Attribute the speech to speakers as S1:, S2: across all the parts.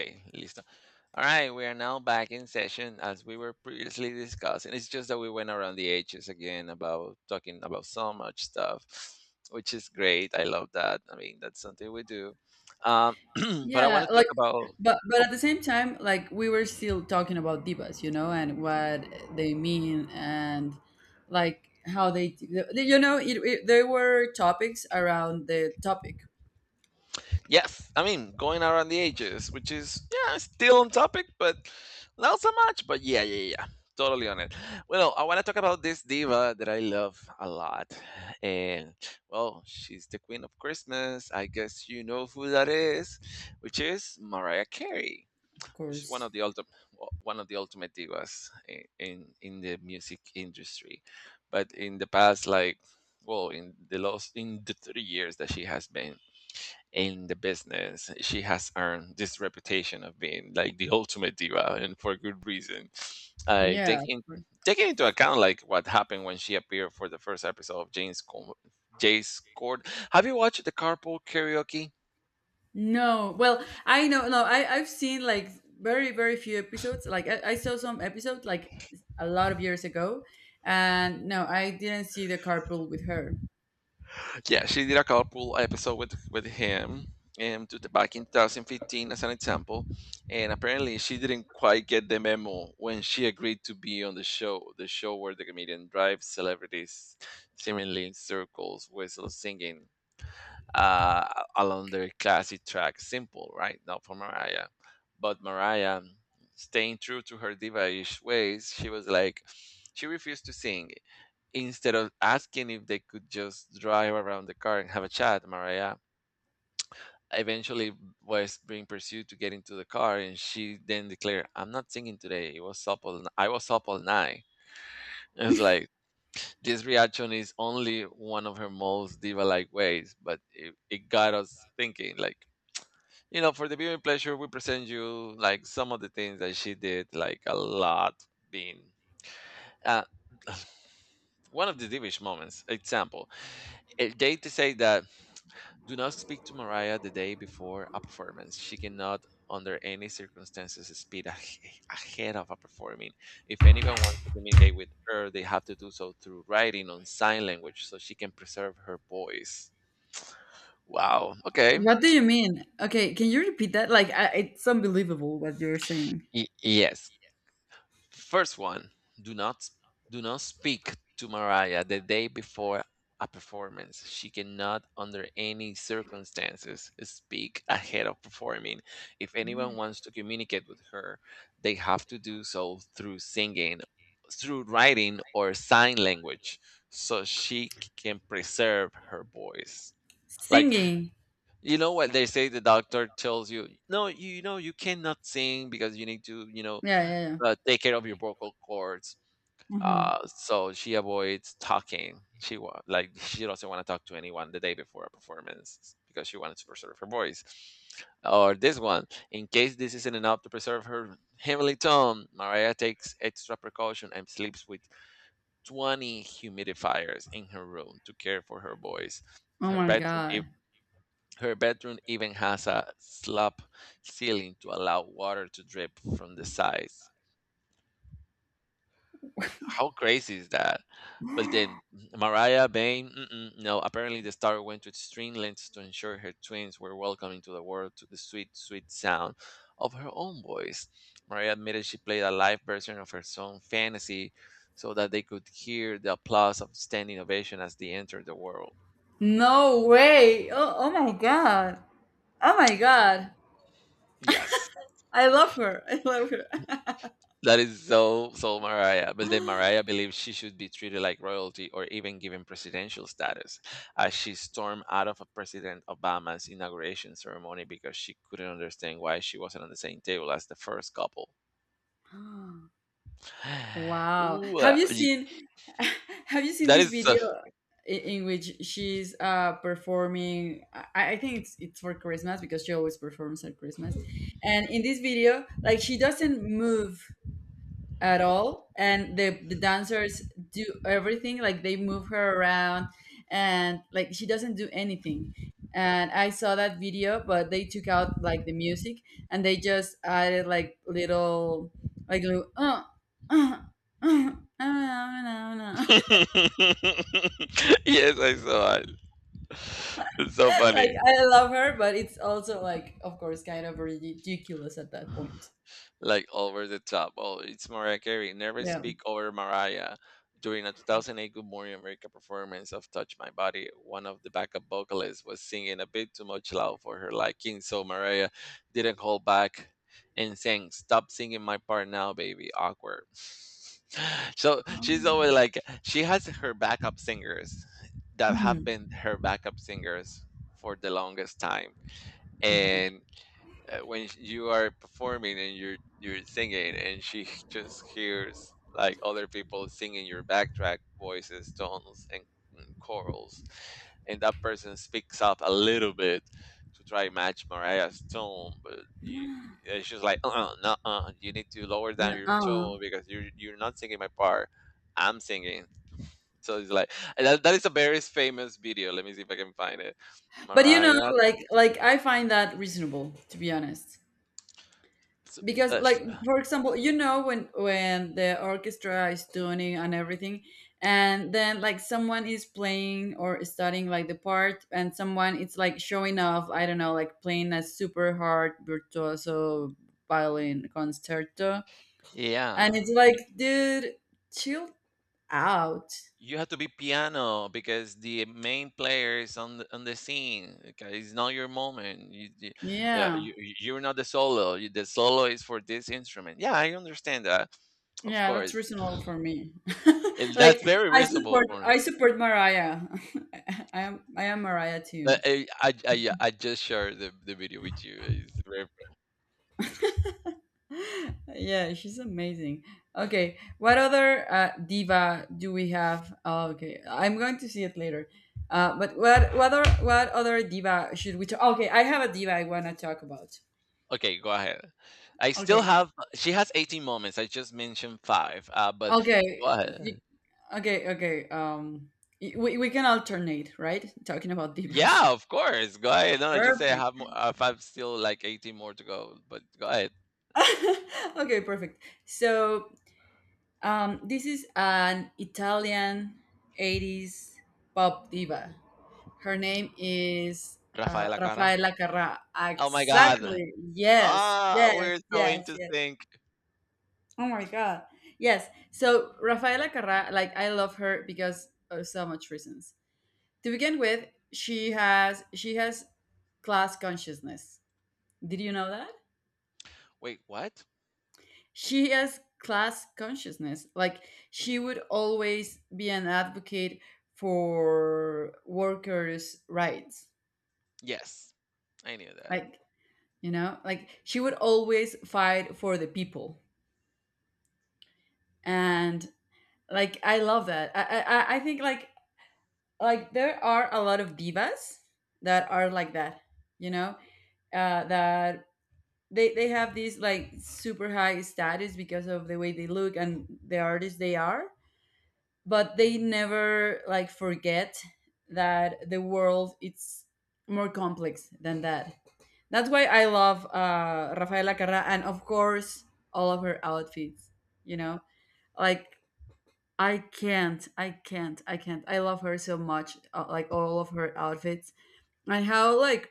S1: Okay, listo. All right, we are now back in session as we were previously discussing. It's just that we went around the edges again about talking about so much stuff, which is great. I love that. I mean, that's something we do. Um, but I want
S2: Yeah,
S1: to
S2: like
S1: talk about.
S2: but at the same time, like we were still talking about divas, you know, and what they mean and like how they, you know, it, there were topics around the topic,
S1: Yes, I mean going around the ages, which is yeah still on topic, but not so much. But yeah, totally on it. Well, I want to talk about this diva that I love a lot, and well, she's the queen of Christmas. I guess you know who that is, which is Mariah Carey,
S2: of
S1: which is
S2: course.
S1: one of the ultimate divas in the music industry. But in the past, like well, in the 3 years that she has been in the business. She has earned this reputation of being like the ultimate diva, and for good reason. Uh,
S2: Yeah. Of
S1: taking
S2: course.
S1: Taking into account like what happened when she appeared for the first episode of Jay's Court. Have you watched the Carpool Karaoke?
S2: No, well, I know, no, I've seen like very very few episodes. Like I saw some episodes like a lot of years ago, and no, I didn't see the carpool with her.
S1: Yeah, she did a couple episode with him and to the, back in 2015 as an example. And apparently, she didn't quite get the memo when she agreed to be on the show. The show where the comedian drives celebrities seemingly in circles, whistle singing uh, along their classic track, "Simple," right? Not for Mariah, but Mariah, staying true to her diva-ish ways, she was like. She refused to sing. Instead of asking if they could just drive around the car and have a chat, Mariah eventually was being pursued to get into the car, and she then declared, "I'm not singing today. It was up all, I was up all night." It's like this reaction is only one of her most diva-like ways, but it got us thinking. Like you know, for the viewing pleasure, we present you like some of the things that she did, like a lot being. Uh, one of the divish moments, example, eh, they to say that do not speak to Mariah the day before a performance. She cannot, under any circumstances, speak ahead of a performing. If anyone wants to communicate with her, they have to do so through writing on sign language so she can preserve her voice. Wow. Okay.
S2: What do you mean? Okay, can you repeat that? Like, I, it's unbelievable what you're saying.
S1: Y- yes, first one, do not do not speak to Mariah the day before a performance. She cannot under any circumstances speak ahead of performing. If anyone wants to communicate with her, they have to do so through singing, through writing or sign language so she can preserve her voice. Like
S2: Singing.
S1: you know what they say the doctor tells you, no, you know you cannot sing because you need to, you know,
S2: Yeah, yeah, yeah.
S1: take care of your vocal cords,
S2: Hmm.
S1: so she avoids talking. She like she doesn't want to talk to anyone the day before a performance because she wanted to preserve her voice. Or this one, in case this isn't enough to preserve her heavenly tone, Mariah takes extra precaution and sleeps with 20 humidifiers in her room to care for her voice.
S2: Oh
S1: Her
S2: my
S1: bedroom, ev-
S2: god.
S1: Her bedroom even has a slab ceiling to allow water to drip from the sides. How crazy is that? But then Mariah Bain, mm-mm, no, apparently the star went to extreme lengths to ensure her twins were welcome into the world to the sweet, sweet sound of her own voice. Mariah admitted she played a live version of her song Fantasy so that they could hear the applause of standing ovation as they entered the world.
S2: No way. Oh my god. Oh my god.
S1: Yes.
S2: I love her. I love her.
S1: That is so so Mariah. But then Mariah believes she should be treated like royalty or even given presidential status, as she stormed out of President Obama's inauguration ceremony because she couldn't understand why she wasn't on the same table as the first couple.
S2: Wow.
S1: Ooh,
S2: Have you
S1: y-
S2: seen have you seen
S1: that
S2: this
S1: is so-
S2: video in which she's performing. I think it's for Christmas because she always performs at Christmas. And in this video, like she doesn't move at all and the dancers do everything, like they move her around and like she doesn't do anything, and I saw that video but they took out like the music and they just added like little, uh, uh, uh."
S1: yes, I saw it. It's so
S2: Like
S1: funny.
S2: I love her but it's also like of course kind of ridiculous at that point.
S1: Like over the top. Oh, it's Mariah Carey. Never
S2: Yeah.
S1: speak over Mariah. During a 2008 Good Morning America performance of Touch My Body, one of the backup vocalists was singing a bit too much loud for her liking, so Mariah didn't hold back and sang, "Stop singing my part now, baby." Awkward. So she's
S2: Mhm.
S1: always like, she has her backup singers that have
S2: Mhm.
S1: been her backup singers for the longest time
S2: Mhm.
S1: and when you are performing and you're singing and she just hears like other people singing your backtrack voices tones and chorals and that person speaks up a little bit to try to match Mariah's tone but you it's just like uh-uh, no, you need to lower down your
S2: Nuh-uh.
S1: tone because you're not singing my part, I'm singing. So it's like and that is a very famous video, let me see if I can find it.
S2: But you know,
S1: Mariah.
S2: like I find that reasonable, to be honest. Because like for example, you know, when the orchestra is tuning and everything and then like someone is playing or studying like the part and someone it's like showing off, I don't know, like playing a super hard virtuoso violin concerto, and
S1: Yeah,
S2: it's like, dude, chill out.
S1: you have to be piano because the main player is on on the scene. Okay, it's not your moment.
S2: Yeah.
S1: You're not the solo. You, the solo is for this instrument. Yeah, I understand that. Of
S2: Yeah,
S1: course,
S2: that's reasonable for me.
S1: and
S2: Like,
S1: that's very
S2: I
S1: reasonable
S2: support
S1: for me.
S2: I support Mariah. I am Mariah
S1: But
S2: too.
S1: yeah, I just shared the video with you. It's very,
S2: Yeah, she's amazing. Okay, what other diva do we have? Oh, okay, I'm going to see it later. But what other diva should we talk? Okay, I have a diva I want to talk about.
S1: okay, go ahead. I still
S2: Okay,
S1: have. She has 18 moments. I just mentioned five. But
S2: okay,
S1: go
S2: you,
S1: ahead.
S2: okay. We can alternate, right? Talking about divas.
S1: Yeah, of course. Go ahead. No, just say I
S2: Perfect.
S1: have if I have still like 18 more to go, but go ahead.
S2: Okay, perfect. So this is an Italian 80s pop diva. Her name is
S1: Rafaela Cara.
S2: Raffaella Carrà.
S1: Oh my God.
S2: Exactly. Yes,
S1: Ah,
S2: yes,
S1: we're so
S2: yes,
S1: into
S2: yes.
S1: sync.
S2: Oh my God. Yes. So Raffaella Carrà, like I love her because of so much reasons. To begin with, she has class consciousness. Did you know that?
S1: Wait, what?
S2: She has class consciousness, like she would always be an advocate for workers rights,
S1: Yes, I knew that.
S2: like you know, like she would always fight for the people. And like I love that I think like there are a lot of divas that are like that, you know, that they have this like super high status because of the way they look and the artists they are, but they never like forget that the world it's more complex than that. That's why I love Rafaela Carrà and of course all of her outfits. You know, like I can't, I can't, I can't. I love her so much. Like all of her outfits and how like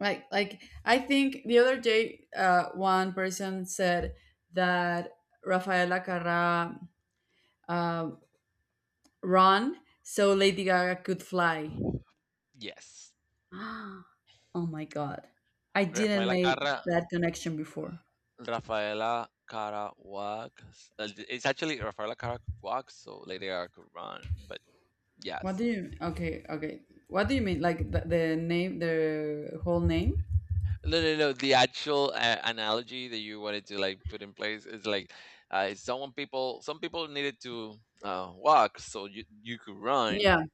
S2: I think the other day one person said that Rafaela Carrà um, Run so Lady Gaga could fly.
S1: Yes.
S2: Oh my god. I didn't
S1: Rafaela
S2: make
S1: Cara.
S2: that connection before.
S1: Rafaela Cara walk. It's actually Rafaela Cara walks, so Lady Gaga could run, but
S2: What
S1: yes.
S2: do you Okay, okay. What do you mean, like the name, the whole name?
S1: No, no, no. The actual analogy that you wanted to like put in place is like, some people needed to walk so you could run.
S2: Yeah.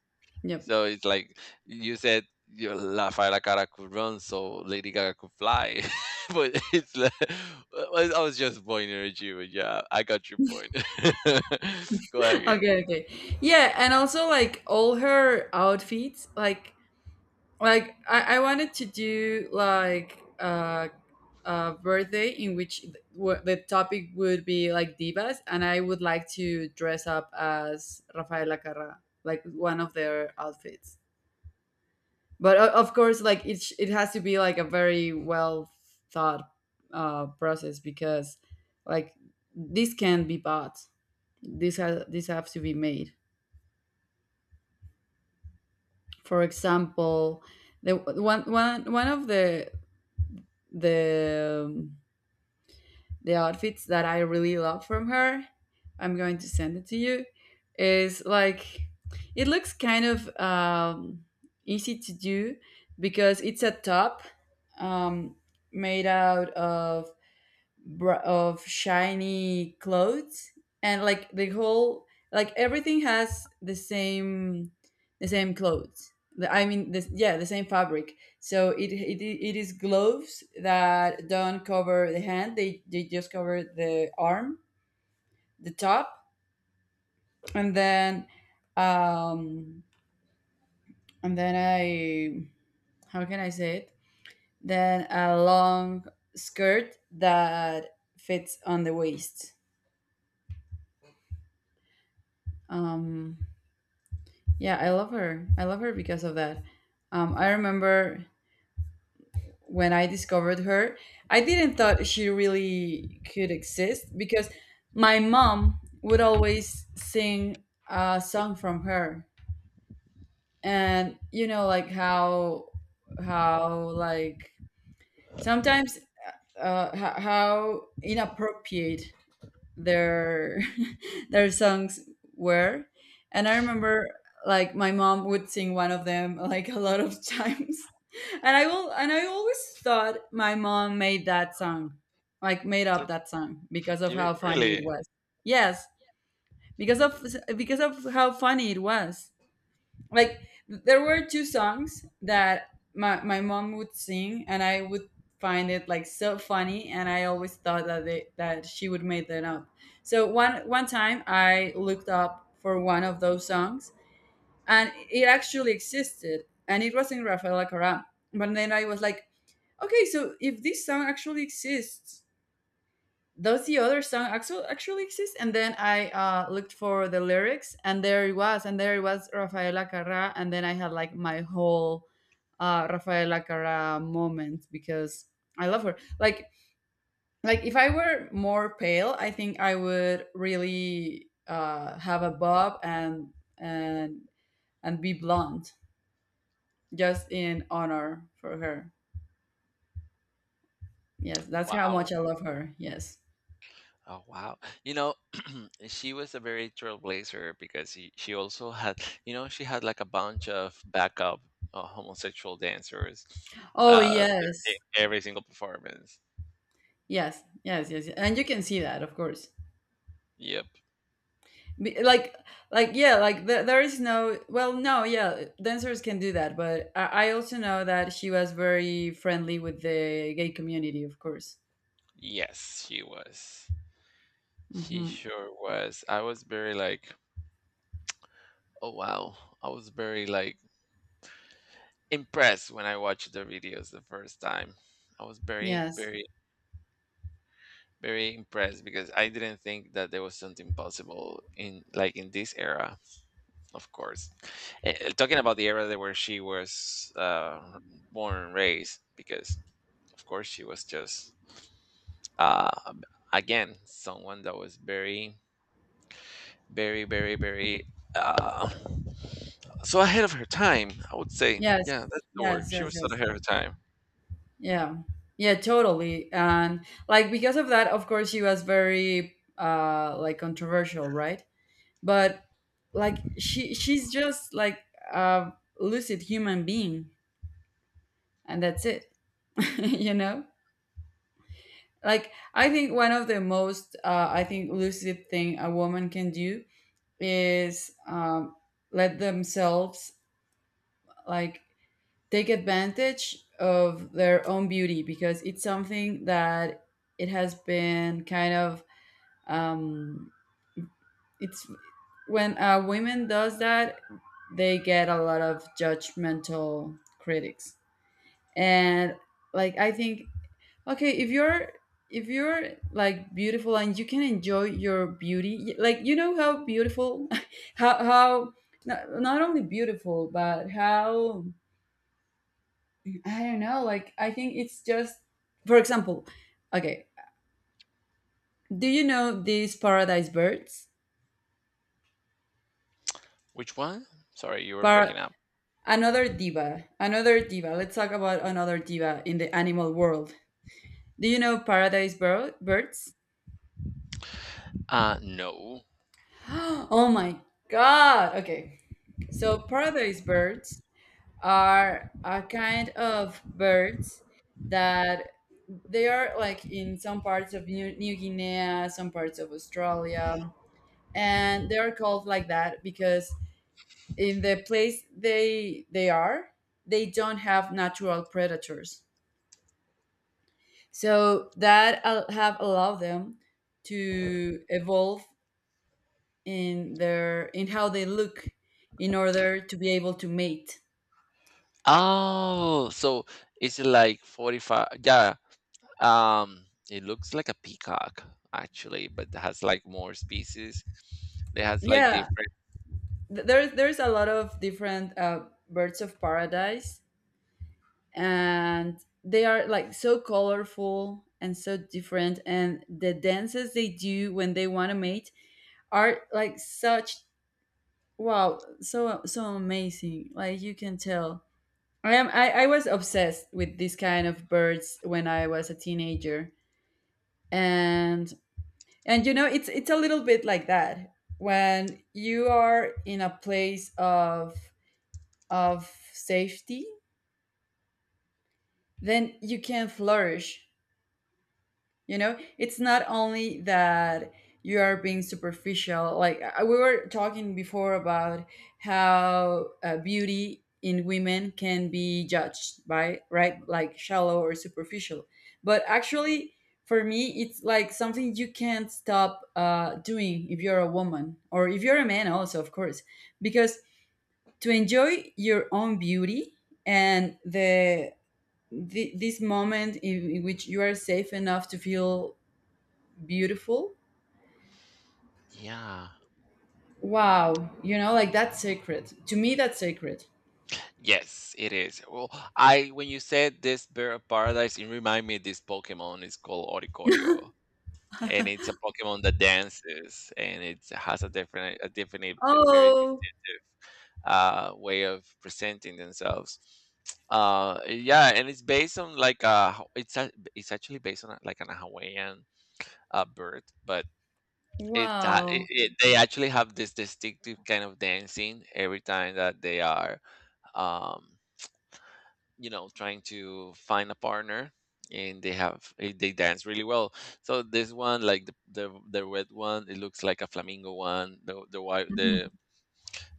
S2: Yep.
S1: So it's like you said, you La Rafaela Cara could run, so Lady Gaga could fly. but it's like, I was just pointing at you, but yeah, I got your point. Go ahead.
S2: Okay, okay. Yeah, and also like all her outfits like I wanted to do like a birthday in which the topic would be like divas, and I would like to dress up as rafaela carrà, like one of their outfits. But of course like it has to be like a very well thought process. Because like this can be bought, this have to be made. For example, the one of the the um, the outfits that I really love from her. I'm going to send it to you. Is like it looks kind of easy to do because it's a top, um, made out of of shiny clothes, and like the whole, like everything has the same, clothes, the, I mean the, yeah, the same fabric. So it, it is gloves that don't cover the hand, they just cover the arm, the top, and then um and then i, how can I say it, then a long skirt that fits on the waist. um Yeah, I love her. I love her because of that. I remember when I discovered her, I didn't thought she really could exist because my mom would always sing a song from her, and you know, like how like sometimes how inappropriate their their songs were. And I remember like my mom would sing one of them like a lot of times, and I will and I always thought my mom made that song, like made up that song because of
S1: You
S2: how funny it
S1: really?
S2: was. Yes. because of because of how funny it was. Like there were two songs that my mom would sing, and I would find it like so funny, and I always thought that she would make them up. So one time I looked up for one of those songs, and it actually existed, and it was in rafaela Corral. But then I was like, okay, so if this song actually exists, does the other song actually exist? And then I looked for the lyrics, and there it was, and there it was Rafaela Carrà. And then I had like my whole Rafaela Carrà moment, because I love her. Like if I were more pale, I think I would really have a bob and and and be blonde, just in honor for her. Yes, that's how much
S1: Wow.
S2: I love her. Yes.
S1: Oh wow. You know, she was a very trailblazer because she also had, you know, she had like a bunch of backup homosexual dancers
S2: Oh
S1: uh in
S2: yes,
S1: every single performance.
S2: yes, yes, yes, yes. And you can see that, of course.
S1: Yep.
S2: Like yeah, like the, there is no, well no, yeah, dancers can do that, but I also know that she was very friendly with the gay community, of course.
S1: Yes, she was. She
S2: Hmm.
S1: sure was. I was very like, oh wow. I was very like impressed when I watched the videos the first time. I was very
S2: Yes,
S1: very impressed because I didn't think that there was something possible in like in this era. Of course. Talking about the era that where she was born and raised, because of course she was just uh, again someone that was very uh, so ahead of her time. I would say,
S2: yes,
S1: yeah, that's the
S2: yes,
S1: word. She
S2: yes,
S1: was so
S2: yes,
S1: ahead of her time.
S2: yeah, yeah, totally. And like because of that, of course she was very like controversial, right? But like she's just like a lucid human being, and that's it. You know, like I think one of the most I think lucid thing a woman can do is let themselves like take advantage of their own beauty, because it's something that it has been kind of um, it's, when a woman does that, they get a lot of judgmental critics. And like I think, okay, if you're like beautiful and you can enjoy your beauty, like you know, how beautiful, how not, only beautiful, but how, I don't know. Like I think it's just, for example, okay. Do you know these paradise birds?
S1: Which one? Sorry, you were
S2: Par
S1: breaking up.
S2: Another diva, another diva. Let's talk about another diva in the animal world. Do you know paradise birds?
S1: No.
S2: Oh my god! Okay, so paradise birds are a kind of birds that they are like in some parts of New Guinea, some parts of Australia, and they are called like that because in the place they are, they don't have natural predators. So that have allowed them to evolve in their in how they look in order to be able to mate.
S1: Oh, so it's like 45. Yeah, um, it looks like a peacock actually, but it has like more species. It has like
S2: Yeah,
S1: different.
S2: there's a lot of different birds of paradise, and they are like so colorful and so different, and the dances they do when they want to mate are like such, wow, so so amazing. Like, you can tell, I was obsessed with this kind of birds when I was a teenager. And you know, it's a little bit like that. When you are in a place of safety, then you can flourish. You know, it's not only that you are being superficial. Like we were talking before about how beauty in women can be judged by, right, like shallow or superficial. But actually, for me, it's like something you can't stop doing if you're a woman or if you're a man, also, of course, because to enjoy your own beauty, and the this moment in, which you are safe enough to feel beautiful,
S1: Yeah.
S2: wow, you know, like that's sacred to me, that's sacred.
S1: Yes, it is. Well, I when you said this bird of paradise, it reminded me of this Pokemon. It's called Oricorio, and it's a Pokemon that dances, and it has a different and very
S2: Oh
S1: distinctive way of presenting themselves. Yeah, and it's based on like a, it's actually based on a, like an Hawaiian bird, but
S2: wow.
S1: it they actually have this distinctive kind of dancing every time that they are um you know trying to find a partner and they have they dance really well. So this one like the red one it looks like a flamingo one, the white,
S2: Mhm.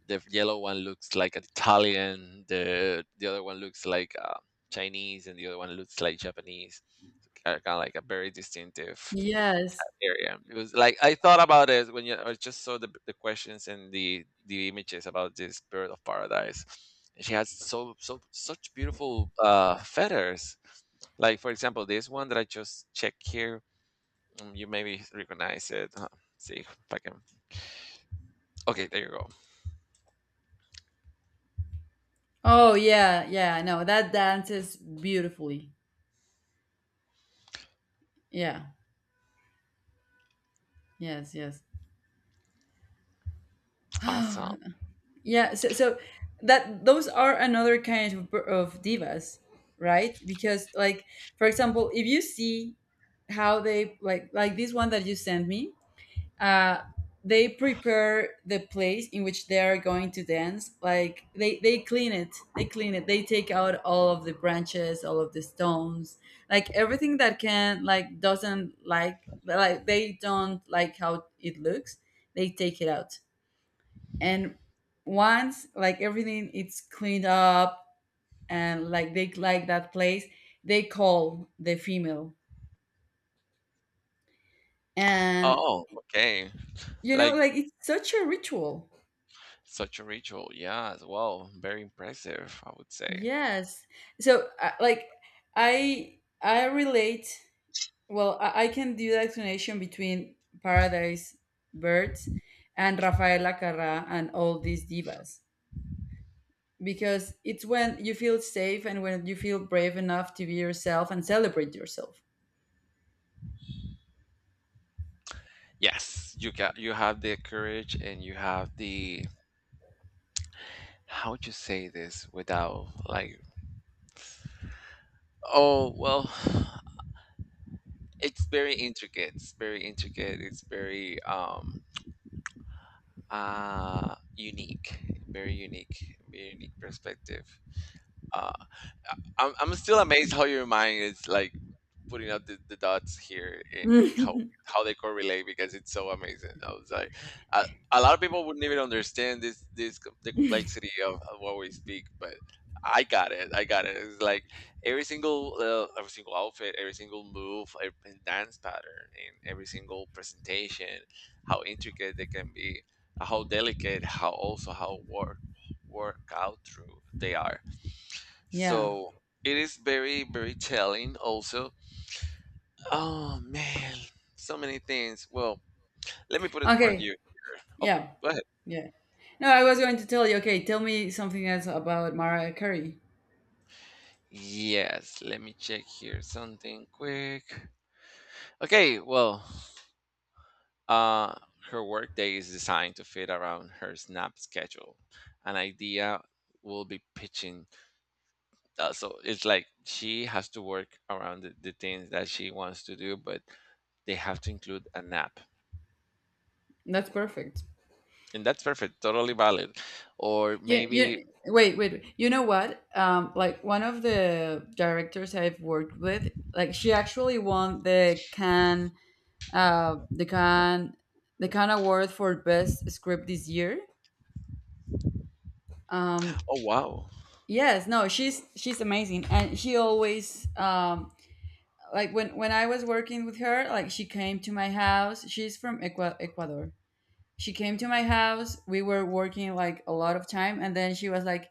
S1: the yellow one looks like Italian, the other one looks like Chinese, and the other one looks like Japanese. Kind of like a very distinctive
S2: Yes.
S1: area. It was like I thought about it when you, I just saw the questions and the images about this bird of paradise. And she has so so such beautiful feathers. Like for example, this one that I just checked here. Um, you maybe recognize it. See if I can. Okay, there you go.
S2: Oh, yeah, yeah, no, that dances beautifully. Yeah. Yes, yes.
S1: Awesome.
S2: So that those are another kind of divas, right? Because like, for example, if you see how they like this one that you sent me, uh, they prepare the place in which they are going to dance. Like they clean it, they take out all of the branches, all of the stones, like everything that can, like, doesn't like they don't like how it looks, they take it out. And once, like, everything it's cleaned up and, like, they like that place, they call the female. And
S1: Oh, okay. Like
S2: like it's such a ritual.
S1: such a ritual. Yeah, as well. Very impressive, I would say.
S2: Yes. So, like, I relate. Well, I can do the explanation between Paradise Birds and Rafaela Carrà and all these divas, because it's when you feel safe and when you feel brave enough to be yourself and celebrate yourself.
S1: Yes, you got you have the courage and you have the how to say this without like oh well it's very intricate. It's very intricate. It's very unique. Very unique. Very unique perspective. Uh I'm still amazed how your mind is like putting up the dots here and how how they correlate because it's so amazing. I was like, a, a lot of people wouldn't even understand the complexity of what we speak, but I got it. I got it. It's like every single outfit, every single move, every dance pattern, and every single presentation, how intricate they can be, how delicate, how also how work out through they are
S2: Yeah.
S1: so it is very, very telling also. Oh man, so many things. Well, let me put it for you
S2: Okay.
S1: here. Oh,
S2: Yeah.
S1: go ahead.
S2: Yeah. No, I was going to tell you. Okay, tell me something else about Mariah Carey.
S1: Yes, let me check here something quick. Okay, well, uh her workday is designed to fit around her snap schedule. An idea will be pitching. So it's like she has to work around the things that she wants to do, but they have to include a nap.
S2: That's perfect.
S1: And that's perfect, totally valid. Or maybe,
S2: Wait, wait, wait. You know what? Like one of the directors I've worked with, like she actually won the Can, the Can, the Can Award for Best Script this year. Um,
S1: oh wow,
S2: yes, no, she's amazing, and she always, like when I was working with her, like she came to my house. She's from Ecuador. She came to my house. We were working like a lot of time, and then she was like,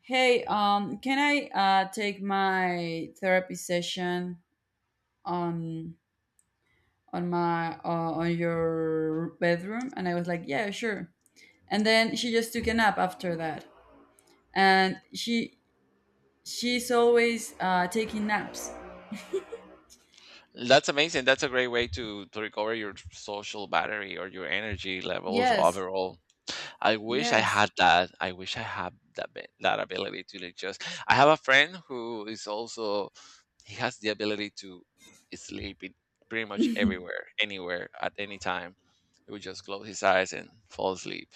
S2: hey, can I take my therapy session on on my on your bedroom? And I was like, yeah, sure. And then she just took a nap after that, and she she's always taking naps.
S1: that's amazing. That's a great way to recover your social battery or your energy levels
S2: Yes,
S1: overall. I wish I
S2: yes.
S1: had that. I wish I had that that ability to like just. I have a friend who is also he has the ability to sleep in pretty much everywhere, anywhere, at any time. He would just close his eyes and fall asleep.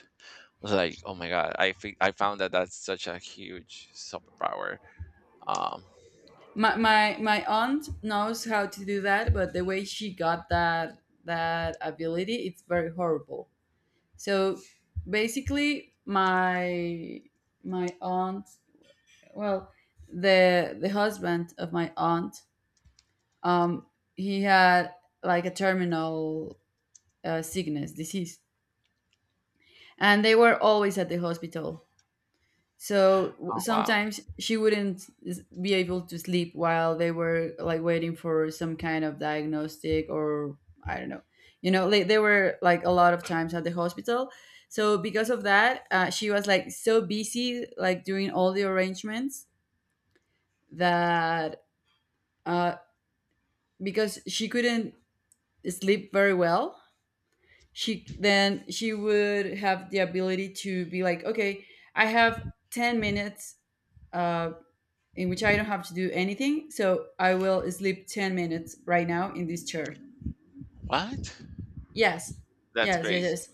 S1: Like, oh my god, I found that that's such a huge superpower. Um,
S2: My aunt knows how to do that, but the way she got that that ability, it's very horrible. So basically, my aunt, well, the husband of my aunt, um, he had like a terminal sickness disease, and they were always at the hospital. So
S1: Oh, wow.
S2: sometimes she wouldn't be able to sleep while they were like waiting for some kind of diagnostic or I don't know. You know, like, they were like a lot of times at the hospital. So because of that, she was like so busy, like doing all the arrangements that uh, because she couldn't sleep very well, she then she would have the ability to be like, okay, I have 10 minutes, uh, in which I don't have to do anything, so I will sleep 10 minutes right now in this chair.
S1: What?
S2: Yes,
S1: That's
S2: yes, yes,
S1: crazy.
S2: yes,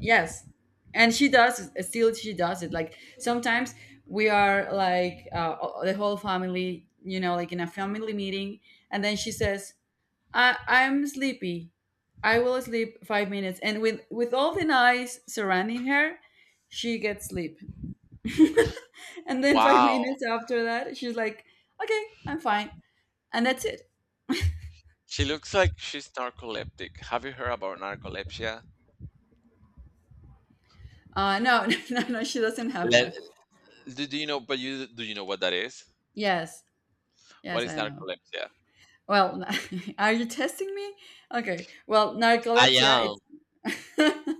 S2: yes. And she does, still she does it, like sometimes we are like, the whole family, you know, like in a family meeting, and then she says, I'm sleepy. I will sleep 5 minutes. And with all the noise surrounding her, she gets sleep. And then five
S1: Wow.
S2: minutes after that, she's like, okay, I'm fine, and that's it.
S1: She looks like she's narcoleptic. Have you heard about narcolepsia?
S2: No, no, no, she doesn't have
S1: Le-
S2: that.
S1: do you know? But you do you know what that is?
S2: Yes,
S1: What
S2: yes,
S1: is
S2: I know.
S1: narcolepsia?
S2: Well, are you testing me? Okay. Well,
S1: I
S2: narcolepsia,
S1: am.
S2: it's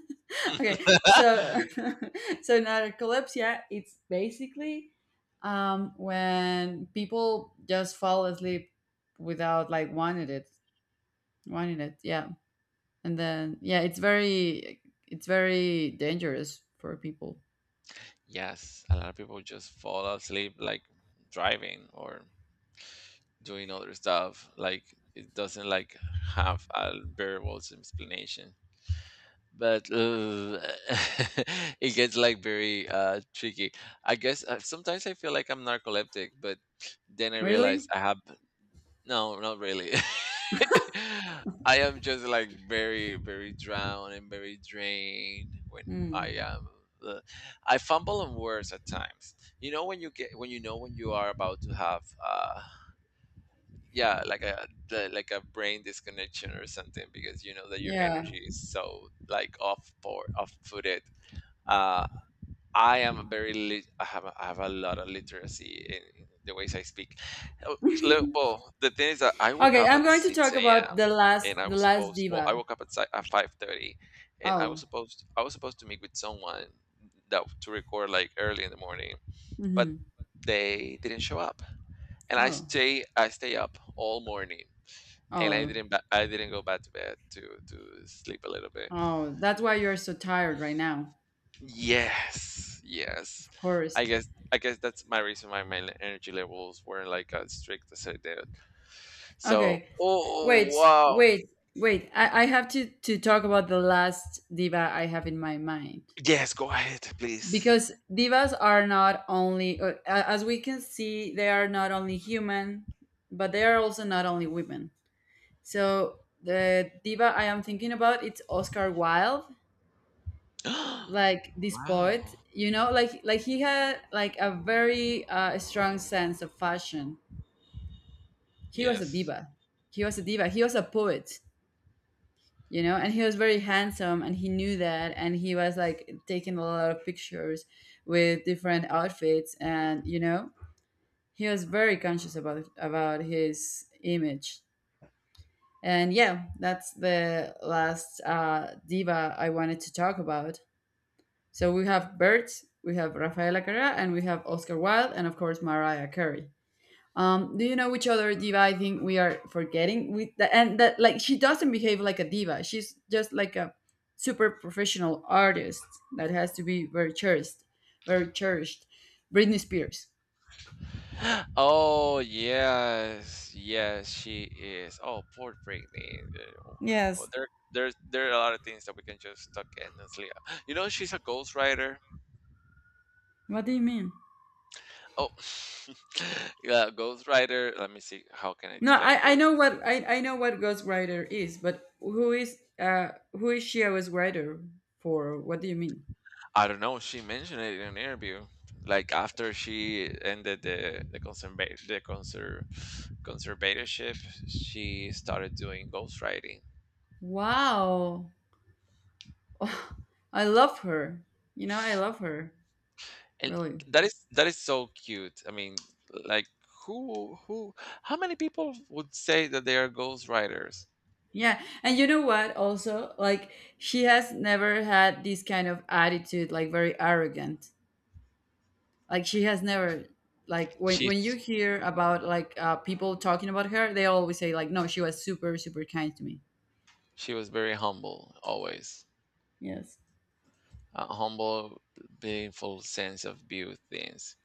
S2: okay, so so narcolepsia, it's basically, when people just fall asleep without like wanting it, yeah, and then yeah, it's very dangerous for people.
S1: Yes, a lot of people just fall asleep like driving or doing other stuff. Like it doesn't like have a variables explanation. But it gets like very tricky. I guess sometimes I feel like I'm narcoleptic, but then I realize
S2: Really?
S1: I have no, not really. I am just like very, very drowned and very drained when
S2: Mm,
S1: I am. Uh, I fumble on words at times. You know when you are about to have yeah like like a brain disconnection or something because you know that your
S2: yeah.
S1: energy is so like off for off footed uh I am a very lit- I have a lot of literacy in the ways I speak. Oh, look, well the thing is that I woke
S2: Okay,
S1: up
S2: I'm
S1: at
S2: going to
S1: 6
S2: talk about
S1: a.m. and I
S2: the
S1: was
S2: last
S1: supposed well I
S2: diva.
S1: woke up at, at 5:30, and
S2: Oh.
S1: I was supposed to meet with someone that to record like early in the morning, but
S2: Mm-hmm.
S1: they didn't show up and
S2: Oh.
S1: I stay up all morning and
S2: Oh.
S1: I didn't go back to bed to sleep a little bit.
S2: Oh. That's why you're so tired right now.
S1: Yes, yes.
S2: Of course.
S1: I guess that's my reason why my energy levels weren't like as strict as I did. So
S2: Okay. Wait,
S1: oh wow,
S2: wait, wait. I have to talk about the last diva I have in my mind.
S1: yes, go ahead, please.
S2: Because divas are not only, as we can see, they are not only human, but they are also not only women. So the diva I am thinking about, it's Oscar Wilde,
S1: Wow.
S2: like this poet, you know, like he had like a very strong sense of fashion. He was a
S1: Yes.
S2: diva. He was a diva. He was a poet. You know, and he was very handsome and he knew that, and he was like taking a lot of pictures with different outfits, and you know, he was very conscious about his image. And yeah, that's the last diva I wanted to talk about. So we have Bert, we have Rafaela Carrera, and we have Oscar Wilde, and of course Mariah Carey. Do you know which other diva I think we are forgetting? And that, like, she doesn't behave like a diva. She's just like a super professional artist that has to be very cherished, very cherished. Britney Spears.
S1: Oh yes, yes, she is. Oh, poor Britney. Well,
S2: Yes.
S1: there are a lot of things that we can just tuck in and sleep. You know, she's a ghostwriter.
S2: What do you mean?
S1: Oh, yeah, Ghost Rider. Let me see. How can I
S2: No,
S1: explain
S2: I
S1: this?
S2: know what I know what ghostwriter is, but who is, uh, who is she a ghostwriter for? What do you mean?
S1: I don't know. She mentioned it in an interview. Like after she ended conservatorship, she started doing ghostwriting,
S2: Wow. I love her. You know, I love her.
S1: and
S2: Really.
S1: that is so cute. I mean, like who how many people would say that they are ghostwriters?
S2: Yeah, and you know what? Also, like she has never had this kind of attitude, like very arrogant. Like she has never, like when you
S1: She's
S2: hear about like people talking about her, they always say like, no, she was super kind to me.
S1: she was very humble always,
S2: Yes.
S1: a humble, beautiful sense of view things,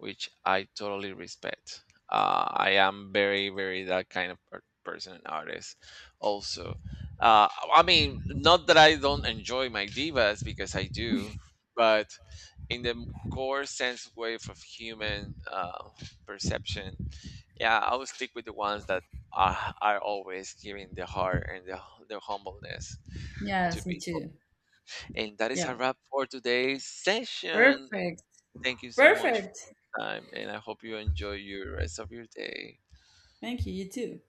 S1: which I totally respect. I am very, very that kind of person and artist. Also, uh, I mean, not that I don't enjoy my divas because I do, but in the core sense wave of human perception, yeah, I will stick with the ones that are always giving the heart and the humbleness to
S2: Yes, me
S1: people.
S2: too.
S1: And that is
S2: Yeah.
S1: a wrap for today's session.
S2: Perfect.
S1: Thank you so much for
S2: Perfect.
S1: your time, and I hope you enjoy your rest of your day.
S2: Thank you. You too.